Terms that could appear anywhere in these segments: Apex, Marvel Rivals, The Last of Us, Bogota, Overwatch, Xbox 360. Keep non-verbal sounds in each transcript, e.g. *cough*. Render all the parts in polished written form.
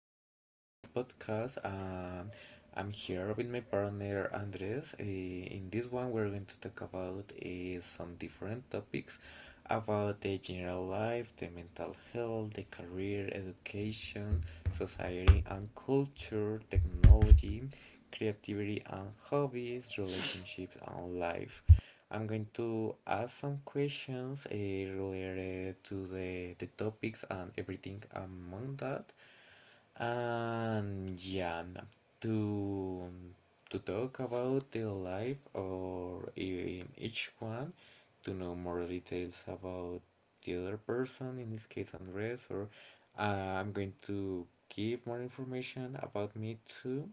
continue in the next podcast. I'm here with my partner Andres. In this one, we're going to talk about some different topics about the general life, the mental health, the career, education, society and culture, technology, creativity and hobbies, relationships and life. I'm going to ask some questions related to the topics and everything among that. And yeah, to to talk about the life or each one, to know more details about the other person, in this case Andres, or uh, I'm going to give more information about me too.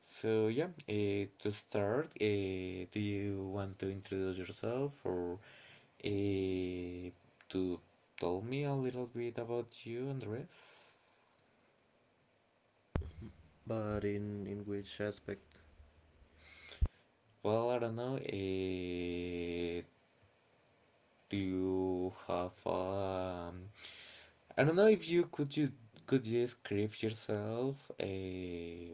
So yeah, to start, do you want to introduce yourself or uh, to tell me a little bit about you, Andres? But in which aspect? Well, I don't know. Do you have? I don't know if you could you could you describe yourself.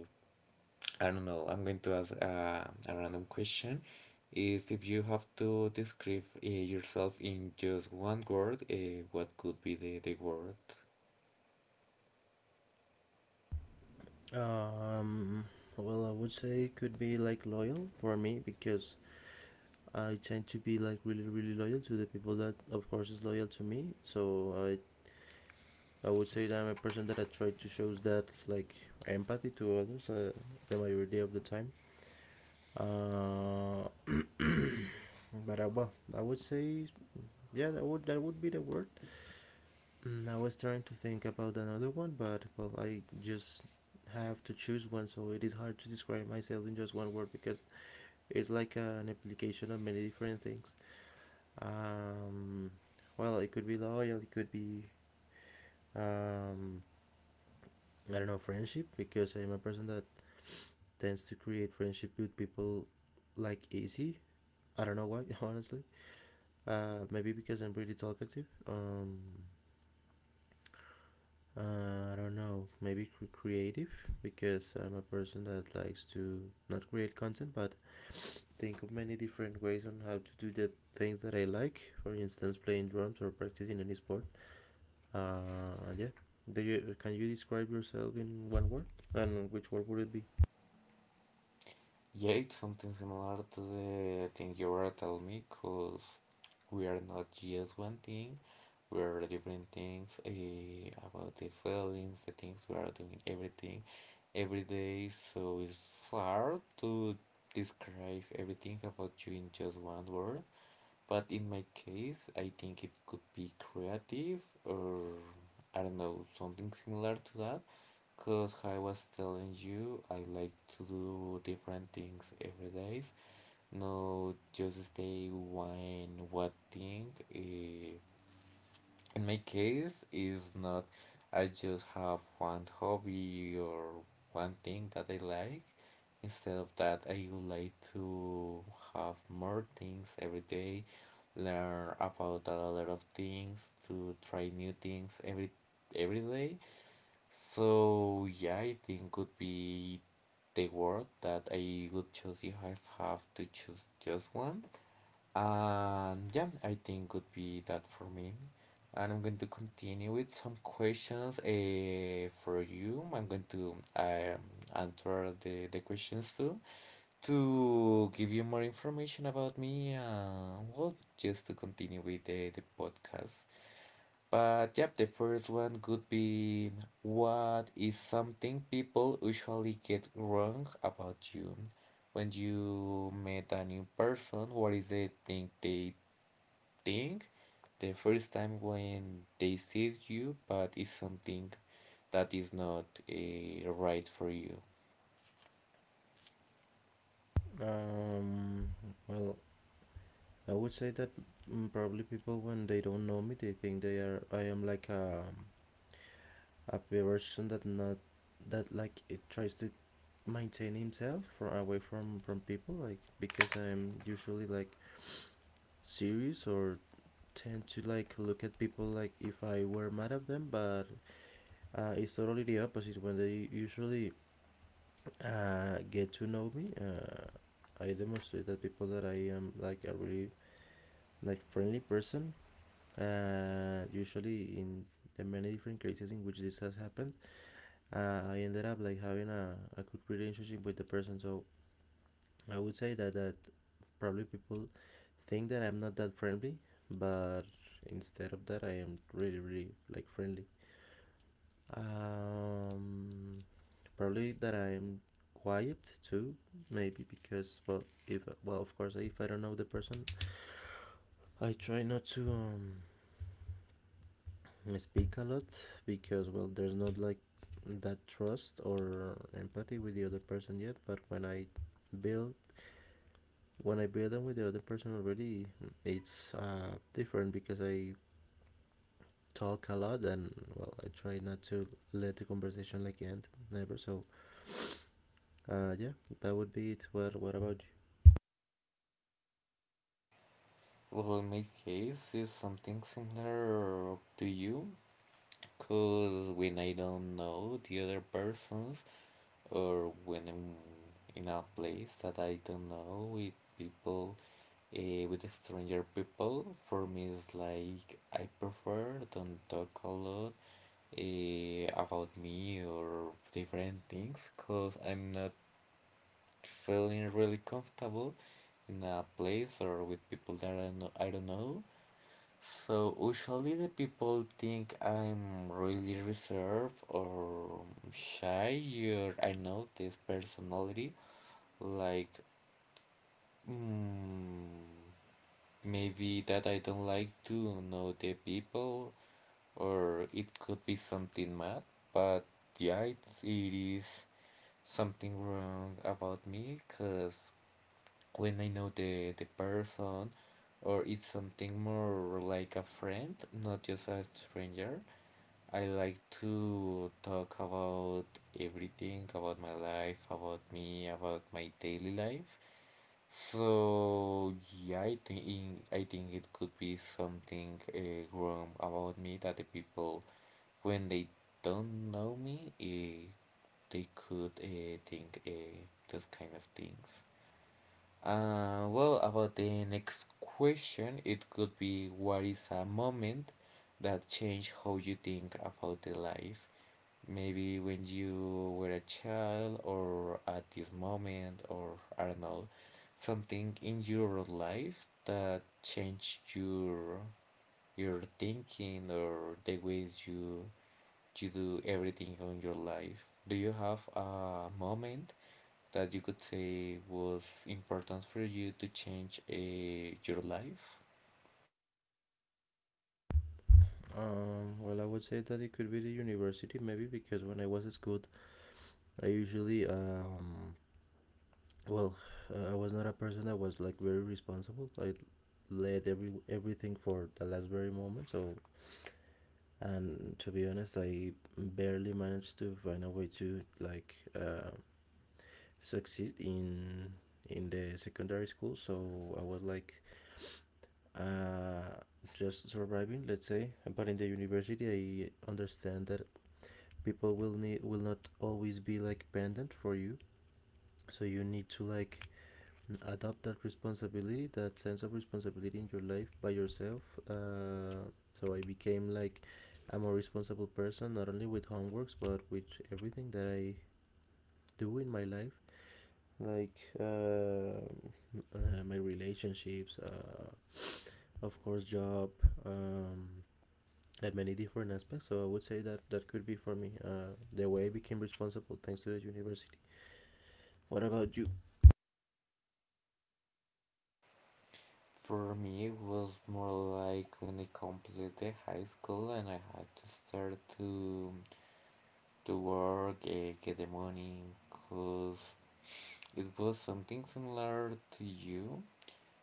I don't know. I'm going to ask a random question. Is If you have to describe yourself in just one word, what could be the word? Um, well, I would say could be like loyal for me because I tend to be like really loyal to the people that of course is loyal to me. So I would say that I'm a person that I try to shows that like empathy to others, the majority of the time. Uh, but well, I would say yeah, that would be the word. I was trying to think about another one, but well, I just have to choose one, so it is hard to describe myself in just one word because it's like an application of many different things. Um, well, it could be loyal, it could be, um, I don't know, friendship, because I'm a person that tends to create friendship with people like easy. I don't know why, *laughs* honestly. Maybe because I'm really talkative. I don't know, maybe creative, because I'm a person that likes to not create content but think of many different ways on how to do the things that I like. For instance, playing drums or practicing any sport. Yeah. Do you, can you describe yourself in one word? And which word would it be? Yeah, it's something similar to the thing you were telling me, because we are not just one thing, we are different things about the feelings, the things we are doing, everything, every day. So it's hard to describe everything about you in just one word. But in my case, I think it could be creative or, I don't know, something similar to that. Because I was telling you, I like to do different things every day, not just stay one thing. In my case, is not, I just have one hobby or one thing that I like. Instead of that, I would like to have more things every day, learn about a lot of things, to try new things every day. So yeah, I think could be the word that I would choose if I have to choose just one. Yeah, I think would be that for me. And I'm going to continue with some questions for you. I'm going to answer the questions too, to give you more information about me. Well, just to continue with the podcast. But yeah, the first one could be, what is something people usually get wrong about you? When you meet a new person, what is the thing thing the first time when they see you, but it's something that is not right for you. Um, well, I would say that, probably people when they don't know me, they think they are I am like a person that not that like it tries to maintain himself from away from people, like because I'm usually like serious or tend to like look at people like if I were mad at them. But it's totally the opposite when they usually get to know me. Uh, I demonstrate that people that I am like a really like friendly person. Uh, usually in the many different cases in which this has happened, I ended up like having a good relationship with the person. So I would say that probably people think that I'm not that friendly, but instead of that, I am really, really like friendly. Um, Probably that I'm quiet too, maybe because, well, if well, of course, if I don't know the person, I try not to, speak a lot, because well, there's not like that trust or empathy with the other person yet. But when I build, when I bathe with the other person already, it's different because I talk a lot and, well, I try not to let the conversation like end never. So yeah, that would be it. Well, what about Well, my case is something similar to you, because when I don't know the other persons, or when I'm in a place that I don't know with people, with stranger people, for me it's like I prefer don't talk a lot about me or different things, because I'm not feeling really comfortable in a place or with people that I don't know, I don't know. So usually the people think I'm really reserved or shy, or I know this personality like, mm, maybe that I don't like to know the people, or it could be something mad. But yeah, it is something wrong about me, because when I know the person, or it's something more like a friend, not just a stranger, I like to talk about everything about my life, about me, about my daily life. So yeah, I think it could be something wrong about me, that the people when they don't know me, they could think those kind of things. Well, about the next question, it could be, what is a moment that changed how you think about the life? Maybe when you were a child, or at this moment, or I don't know, something in your life that changed your thinking, or the ways you do everything on your life. Do you have a moment that you could say was important for you to change your life? you? Well, I would say that it could be the university maybe because when I was at school, I usually, well, I was not a person that was like very responsible. I led everything for the last very moment. So, and to be honest, I barely managed to find a way to like, uh, succeed in the secondary school, so I was like, uh, just surviving, let's say. But in the university, I understand that people will not always be like pendant for you, so you need to like adopt that responsibility, that sense of responsibility in your life by yourself. Uh, so I became like a more responsible person, not only with homeworks, but with everything that I do in my life, like, my relationships, of course job, um, at many different aspects. So I would say that that could be for me, the way I became responsible thanks to the university. What about you? For me, it was more like when I completed high school and I had to start to work, get the money, cause it was something similar to you.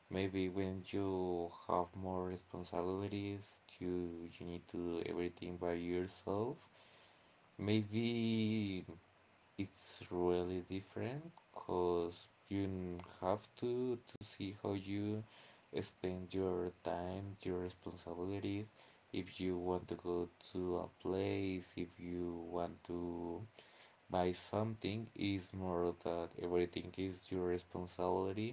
Maybe when you have more responsibilities, you need to do everything by yourself. Maybe it's really different because you have to see how you spend your time, your responsibilities, if you want to go to a place, if you want to buy something, is more that everything is your responsibility.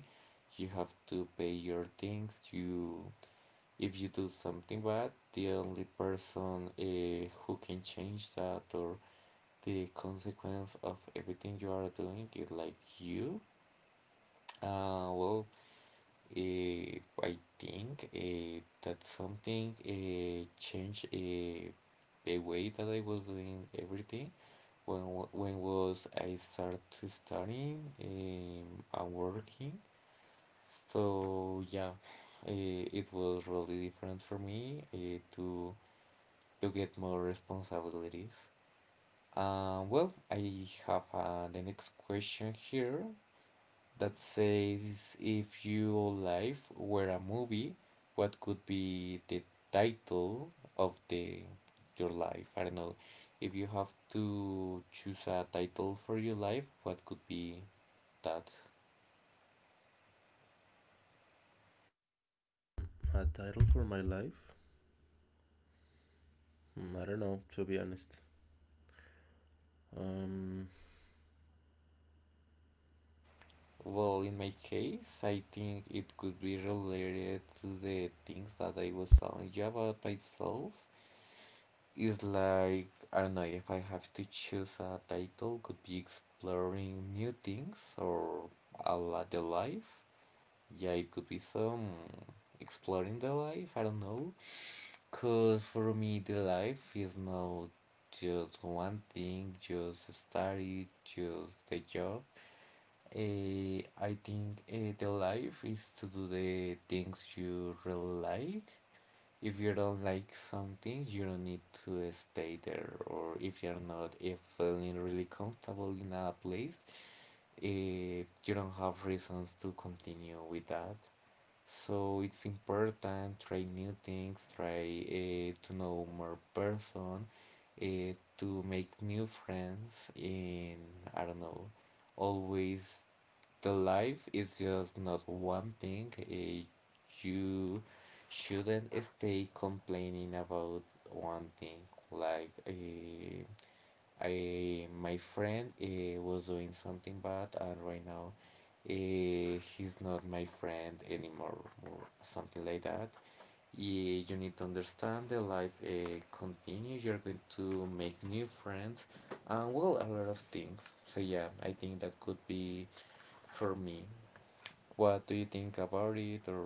You have to pay your things. If you do something bad, the only person who can change that, or the consequence of everything you are doing is like you. Well, I think that something changed the way that I was doing everything when when was I started studying and working. So yeah, it was really different for me, to get more responsibilities. Well, I have the next question here, that says, if your life were a movie, what could be the title of the your life? I don't know. If you have to choose a title for your life, what could be that? A title for my life. I don't know, to be honest. Um, Well, in my case, I think it could be related to the things that I was telling you about myself. Is like, I don't know, if I have to choose a title, could be exploring new things, or a la the life. Yeah, it could be some exploring the life, I don't know. Cause for me the life is not just one thing, just study, just the job. I think, the life is to do the things you really like. If you don't like something, you don't need to stay there. Or if you're not, if feeling really comfortable in a place, you don't have reasons to continue with that. So it's important, try new things, try to know more person, to make new friends. In, I don't know, always the life is just not one thing. You shouldn't stay complaining about one thing, like, I my friend was doing something bad, and right now he's not my friend anymore, or something like that. Yeah, you need to understand the life, continue, you're going to make new friends, and well, a lot of things. So yeah, I think that could be for me. What do you think about it, or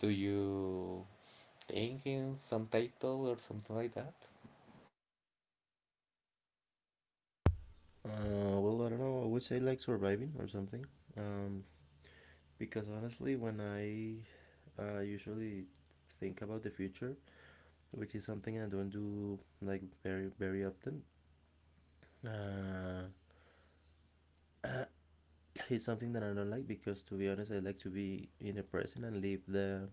do you thinking some title or something like that? Well, I don't know. I would say like surviving or something. Um, because honestly, when I, usually think about the future, which is something I don't do like very often, uh, *coughs* *clears throat* it's something that I don't like, because to be honest, I like to be in the present and live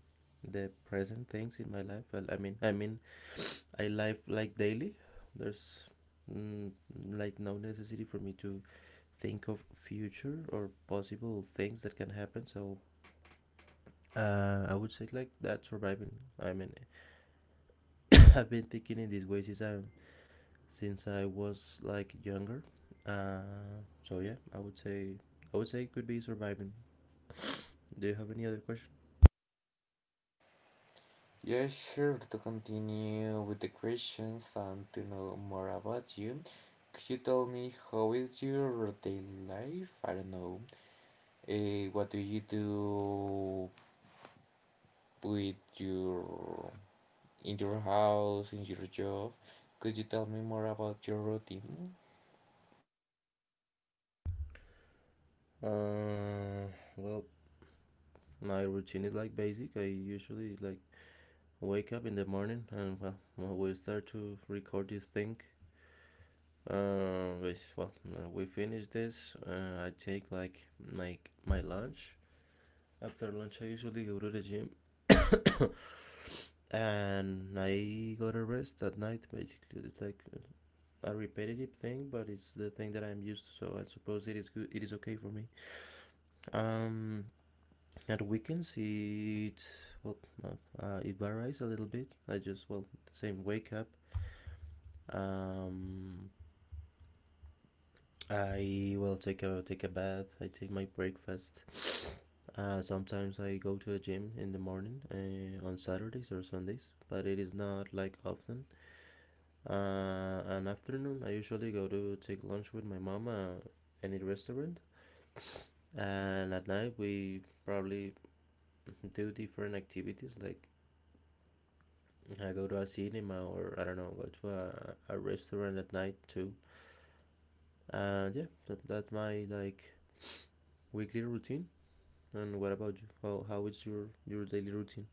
the present things in my life. Well, I mean, I live like daily. There's, mm, like no necessity for me to think of future or possible things that can happen. So I would say like that, surviving. I mean, *laughs* I've been thinking in this way since I, since I was like younger. So yeah, I would say, it could be surviving. Do you have any other question? Yeah, sure. To continue with the questions and to know more about you, could you tell me how is your daily life? I don't know. What do you do with your in your house, in your job? Could you tell me more about your routine? Uh, well, my routine is like basic. I usually like wake up in the morning and, well, we start to record this thing. Uh, well, we finish this. I take like my lunch. After lunch, I usually go to the gym, *coughs* and I go to rest at night. Basically, it's like a repetitive thing, but it's the thing that I'm used to. So I suppose it is good. It is okay for me. Um, at weekends, it, well, uh, it varies a little bit. I just, well, the same, wake up. Um, I will take a bath. I take my breakfast. Sometimes I go to a gym in the morning, on Saturdays or Sundays, but it is not like often. An afternoon, I usually go to take lunch with my mama, any restaurant, and at night we probably *laughs* do different activities, like I go to a cinema or I don't know, go to a restaurant at night too. And yeah, that's my like weekly routine. And what about you? How is your daily routine?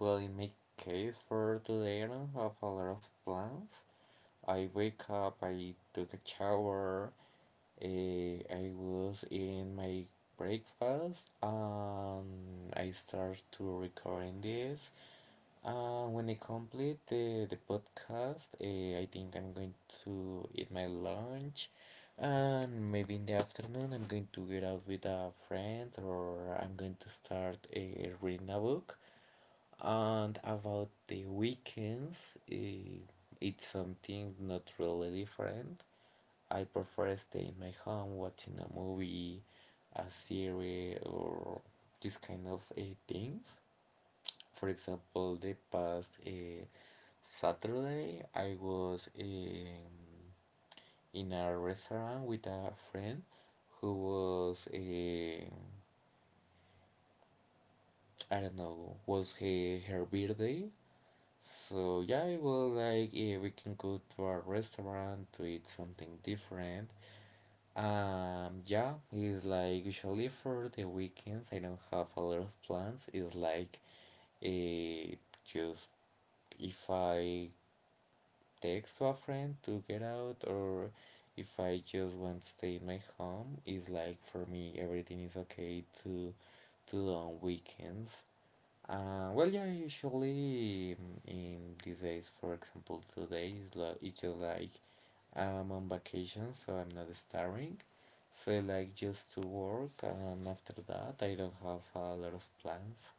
Well, in my case, for today, I don't have a lot of plans. I wake up, I took a shower, I was eating my breakfast, and I start to recording this. And when I complete the podcast, I think I'm going to eat my lunch. And maybe in the afternoon, I'm going to get out with a friend, or I'm going to start reading a book. And about the weekends, it's something not really different. I prefer stay in my home watching a movie, a series, or this kind of things. For example, the past Saturday, I was in a restaurant with a friend who was, I don't know, was her birthday. So yeah, I was like, yeah, we can go to a restaurant to eat something different. Yeah, it's like, usually for the weekends I don't have a lot of plans. It's like, eh, just if I text to a friend to get out, or if I just want to stay in my home, it's like for me everything is okay to do on weekends. Well, yeah, usually, in these days, for example, today is like, it's just like I'm on vacation, so I'm not starring. So I like just to work, and after that, I don't have a lot of plans.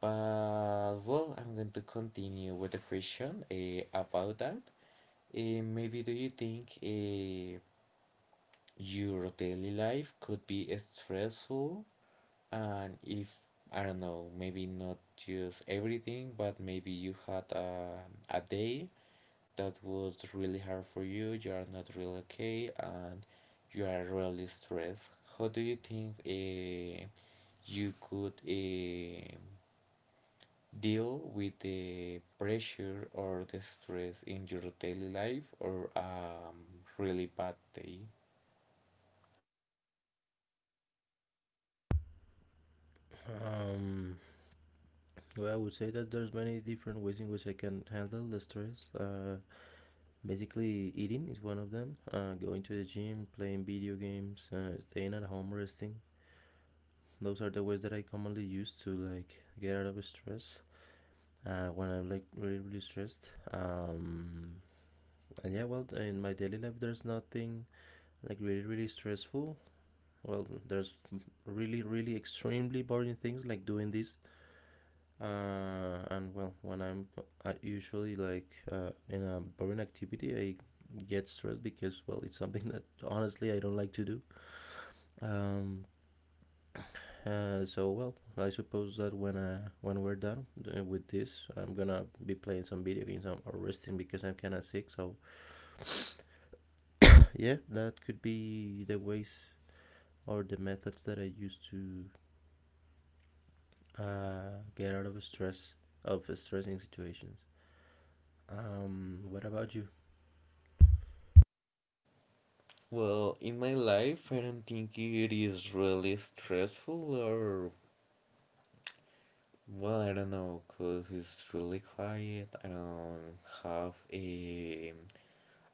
But well, I'm going to continue with the question about that. Maybe, do you think, your daily life could be stressful? And if, I don't know, maybe not just everything, but maybe you had a day that was really hard for you, you are not really okay, and you are really stressed. How do you think you could deal with the pressure or the stress in your daily life, or really bad day? Um, well, I would say that there's many different ways in which I can handle the stress. Basically, eating is one of them. Going to the gym, playing video games, staying at home, resting. Those are the ways that I commonly use to like get out of stress, uh, when I'm like really stressed. And yeah, well, in my daily life, there's nothing like really stressful. Well, there's really really extremely boring things like doing this, and well when I'm I usually like, in a boring activity I get stressed because well it's something *laughs* that honestly I don't like to do. um so well I suppose that when, we're done, with this, I'm gonna be playing some video games or resting because I'm kind of sick. So *coughs* yeah, that could be the ways or the methods that I use to uh, get out of stress, of stressing situations. Um, what about you? Well, in my life, I don't think it is really stressful or, well, I don't know, because it's really quiet. I don't have a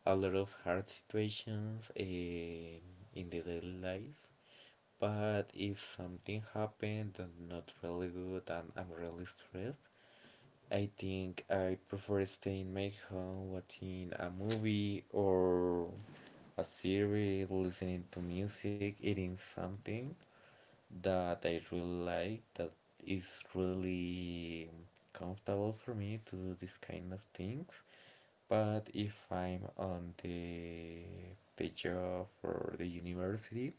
a lot of hard situations in the daily life. But if something happened that not really good and I'm really stressed, I think I prefer staying in my home watching a movie or a series, listening to music, eating something that I really like that is really comfortable for me to do this kind of things. But if I'm on the job or the university,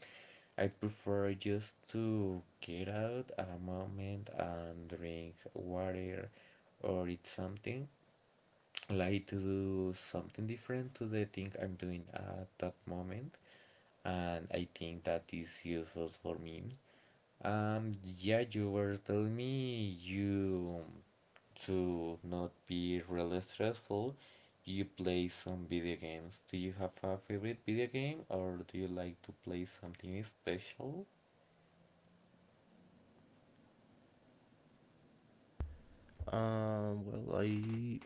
I prefer just to get out a moment and drink water or eat something. Like to do something different to the thing I'm doing at that moment, and I think that is useful for me. Yeah, you were telling me you to not be really stressful. You play some video games. Do you have a favorite video game or do you like to play something special? Well, I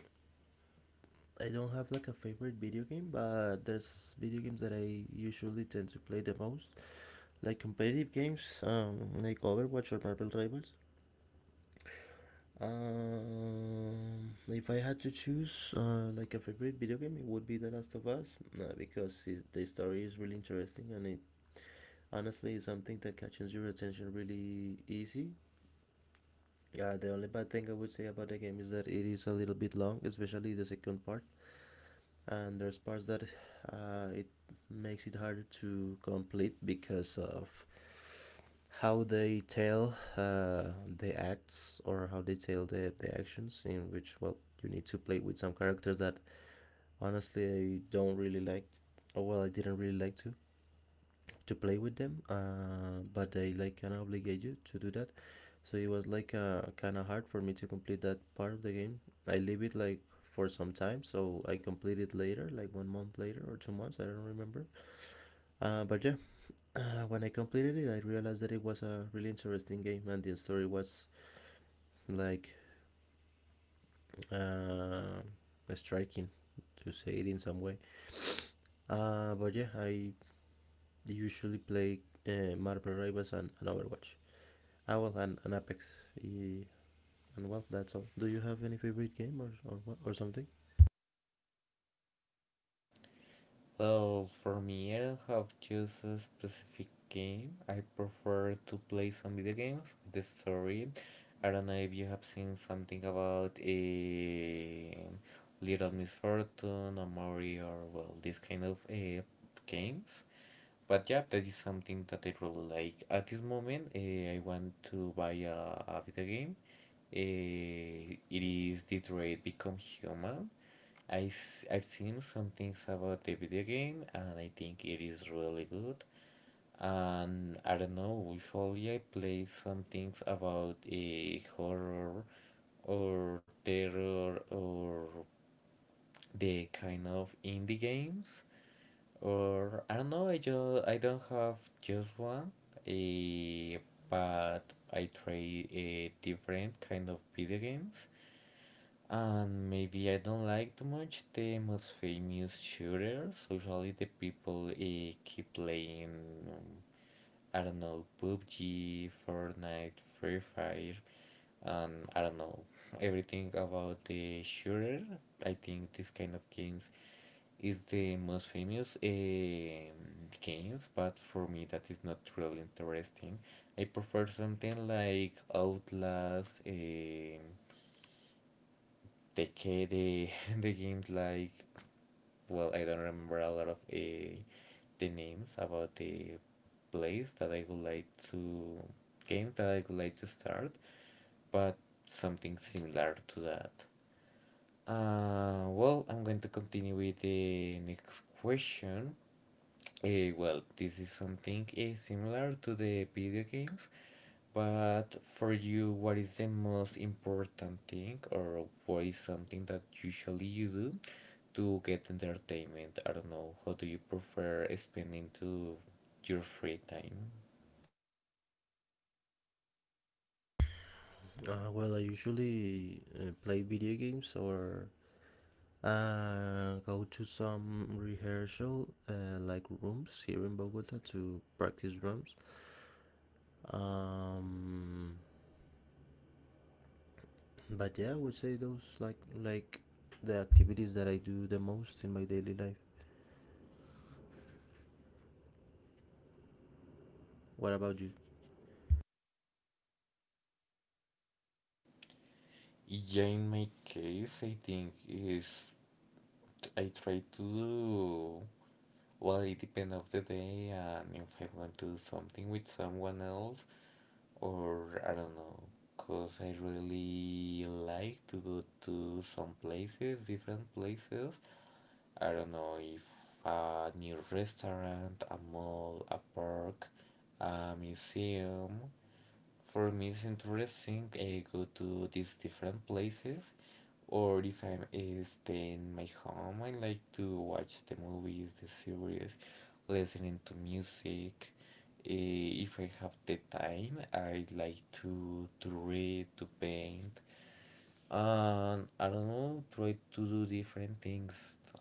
don't have like a favorite video game, but there's video games that I usually tend to play the most, like competitive games, like Overwatch or Marvel Rivals. If I had to choose, like a favorite video game, it would be The Last of Us, because it, the story is really interesting and it honestly is something that catches your attention really easy. Yeah, the only bad thing I would say about the game is that it is a little bit long, especially the second part, and there's parts that it makes it harder to complete because of how they tell, the acts or how they tell the actions in which, well, you need to play with some characters that honestly I don't really like, or well I didn't really like to play with them, but they like kind of obligate you to do that. So it was like kind of hard for me to complete that part of the game. I leave it like for some time, so I completed later, like 1 month later or 2 months, I don't remember. But yeah, when I completed it, I realized that it was a really interesting game and the story was like, uh, striking, to say it in some way. Uh, but yeah, I usually play, Marvel Rivals and, Overwatch. Ah, well, and Apex. Y- And well, that's all. Do you have any favorite game, or something? Well, for me, I don't have just a specific game. I prefer to play some video games with the story. I don't know if you have seen something about a Little Miss Fortune or Mario or well, this kind of games. But yeah, that is something that I really like. At this moment, I want to buy a video game. It is Detroit Become Human. I've seen some things about the video game and I think it is really good. And I don't know, usually I play some things about a horror or terror or the kind of indie games. Or I don't know, I don't have just one. eh, but I try a different kind of video games. And maybe I don't like too much the most famous shooters. Usually the people keep playing, um, I don't know, PUBG, Fortnite, Free Fire, and I don't know, everything about the shooter. I think this kind of games is the most famous games, but for me that is not really interesting. I prefer something like Outlast, the *laughs* the games like, well, I don't remember a lot of the names about the place that I would like to game that I would like to start, but something similar to that. Well, I'm going to continue with the next question. Well, this is something similar to the video games, but for you, what is the most important thing, or what is something that usually you do to get entertainment? I don't know. How do you prefer spending to your free time? Well, I usually, play video games or, go to some rehearsal, like rooms here in Bogota to practice drums. Um, but yeah, I would say those like the activities that I do the most in my daily life. What about you? Yeah, in my case, I think is I try to do, well, it depends of the day, and if I want to do something with someone else, or I don't know, because I really like to go to some places, different places. I don't know if a new restaurant, a mall, a park, a museum, for me, it's interesting go to these different places, or if I'm staying in my home, I like to watch the movies, the series, listening to music. If I have the time, I like to read, to paint, I don't know, try to do different things.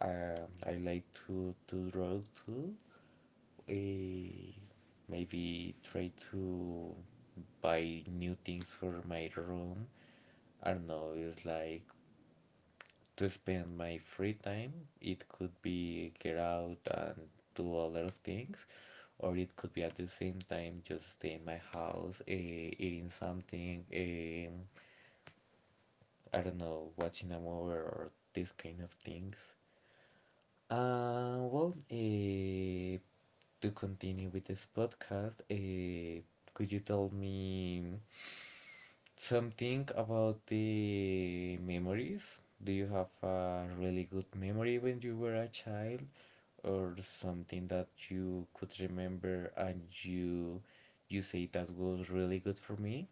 I like to draw too, eh, maybe try to buy new things for my room. I don't know, it's like to spend my free time. It could be get out and do a lot of things, or it could be at the same time just stay in my house, eating something, I don't know, watching a movie or these kind of things. Uh, well, uh, to continue with this podcast, could you tell me something about the memories? Do you have a really good memory when you were a child, or something that you could remember and you say that was really good for me?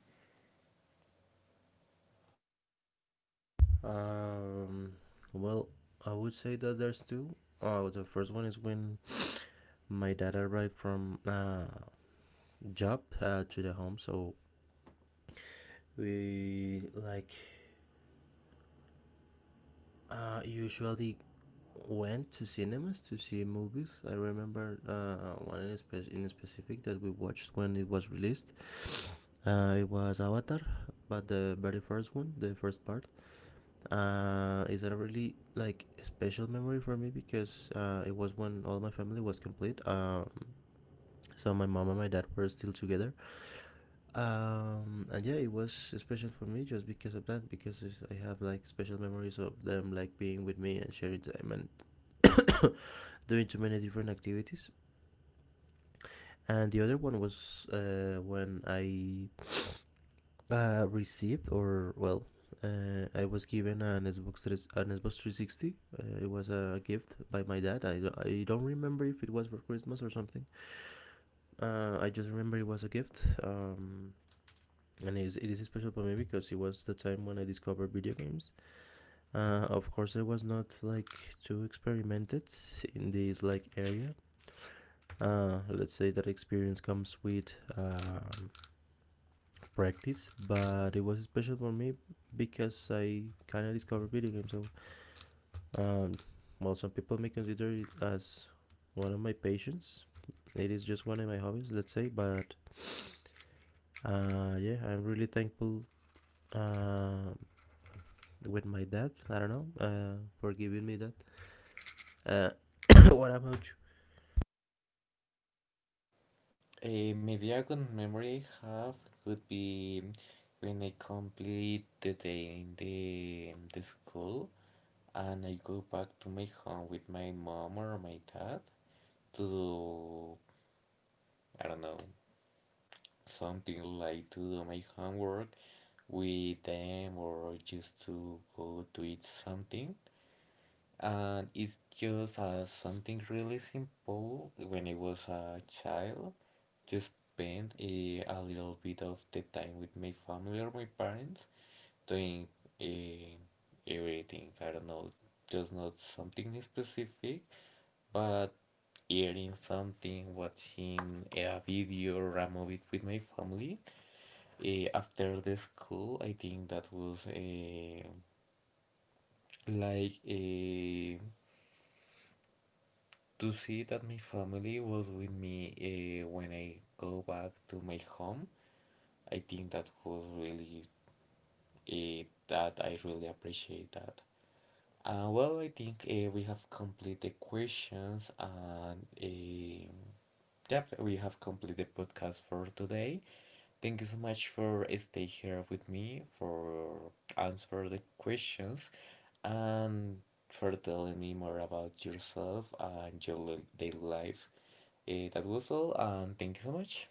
Um, well, I would say that there's two. The first one is when my dad arrived from, job, to the home, so we like, usually went to cinemas to see movies. I remember, one in, in specific, that we watched when it was released. Uh, it was Avatar, but the very first one, the first part. Uh, is a really like special memory for me because, it was when all my family was complete, so my mom and my dad were still together, um, and yeah, it was special for me just because of that, because I have like special memories of them like being with me and sharing time and *coughs* doing too many different activities. And the other one was, uh, when I, received, or well, I was given an Xbox 3, an Xbox 360. It was a gift by my dad. I don't remember if it was for Christmas or something. I just remember it was a gift. And it is special for me because it was the time when I discovered video games. Of course, I was not like too experimented in this like area. Let's say that experience comes with, practice, but it was special for me because I kind of discovered video games. So, um, well, some people may consider it as one of my passions. It is just one of my hobbies, let's say. But yeah, I'm really thankful, uh, with my dad, I don't know, for giving me that. Uh, *coughs* what about you? Maybe a good memory I have could be when I complete the day in the school, and I go back to my home with my mom or my dad to do, I don't know, something like to do my homework with them or just to go to eat something. And it's just something really simple when I was a child, just spend a little bit of the time with my family or my parents doing eh, everything. I don't know, just not something specific, but eating something, watching a video or a movie with my family after the school, I think that was like eh, to see that my family was with me when I go back to my home. I think that was really that I really appreciate that. Well, I think we have completed the questions, and yep, we have completed the podcast for today. Thank you so much for stay here with me for answer the questions and for telling me more about yourself and your daily life. That was all, and thank you so much.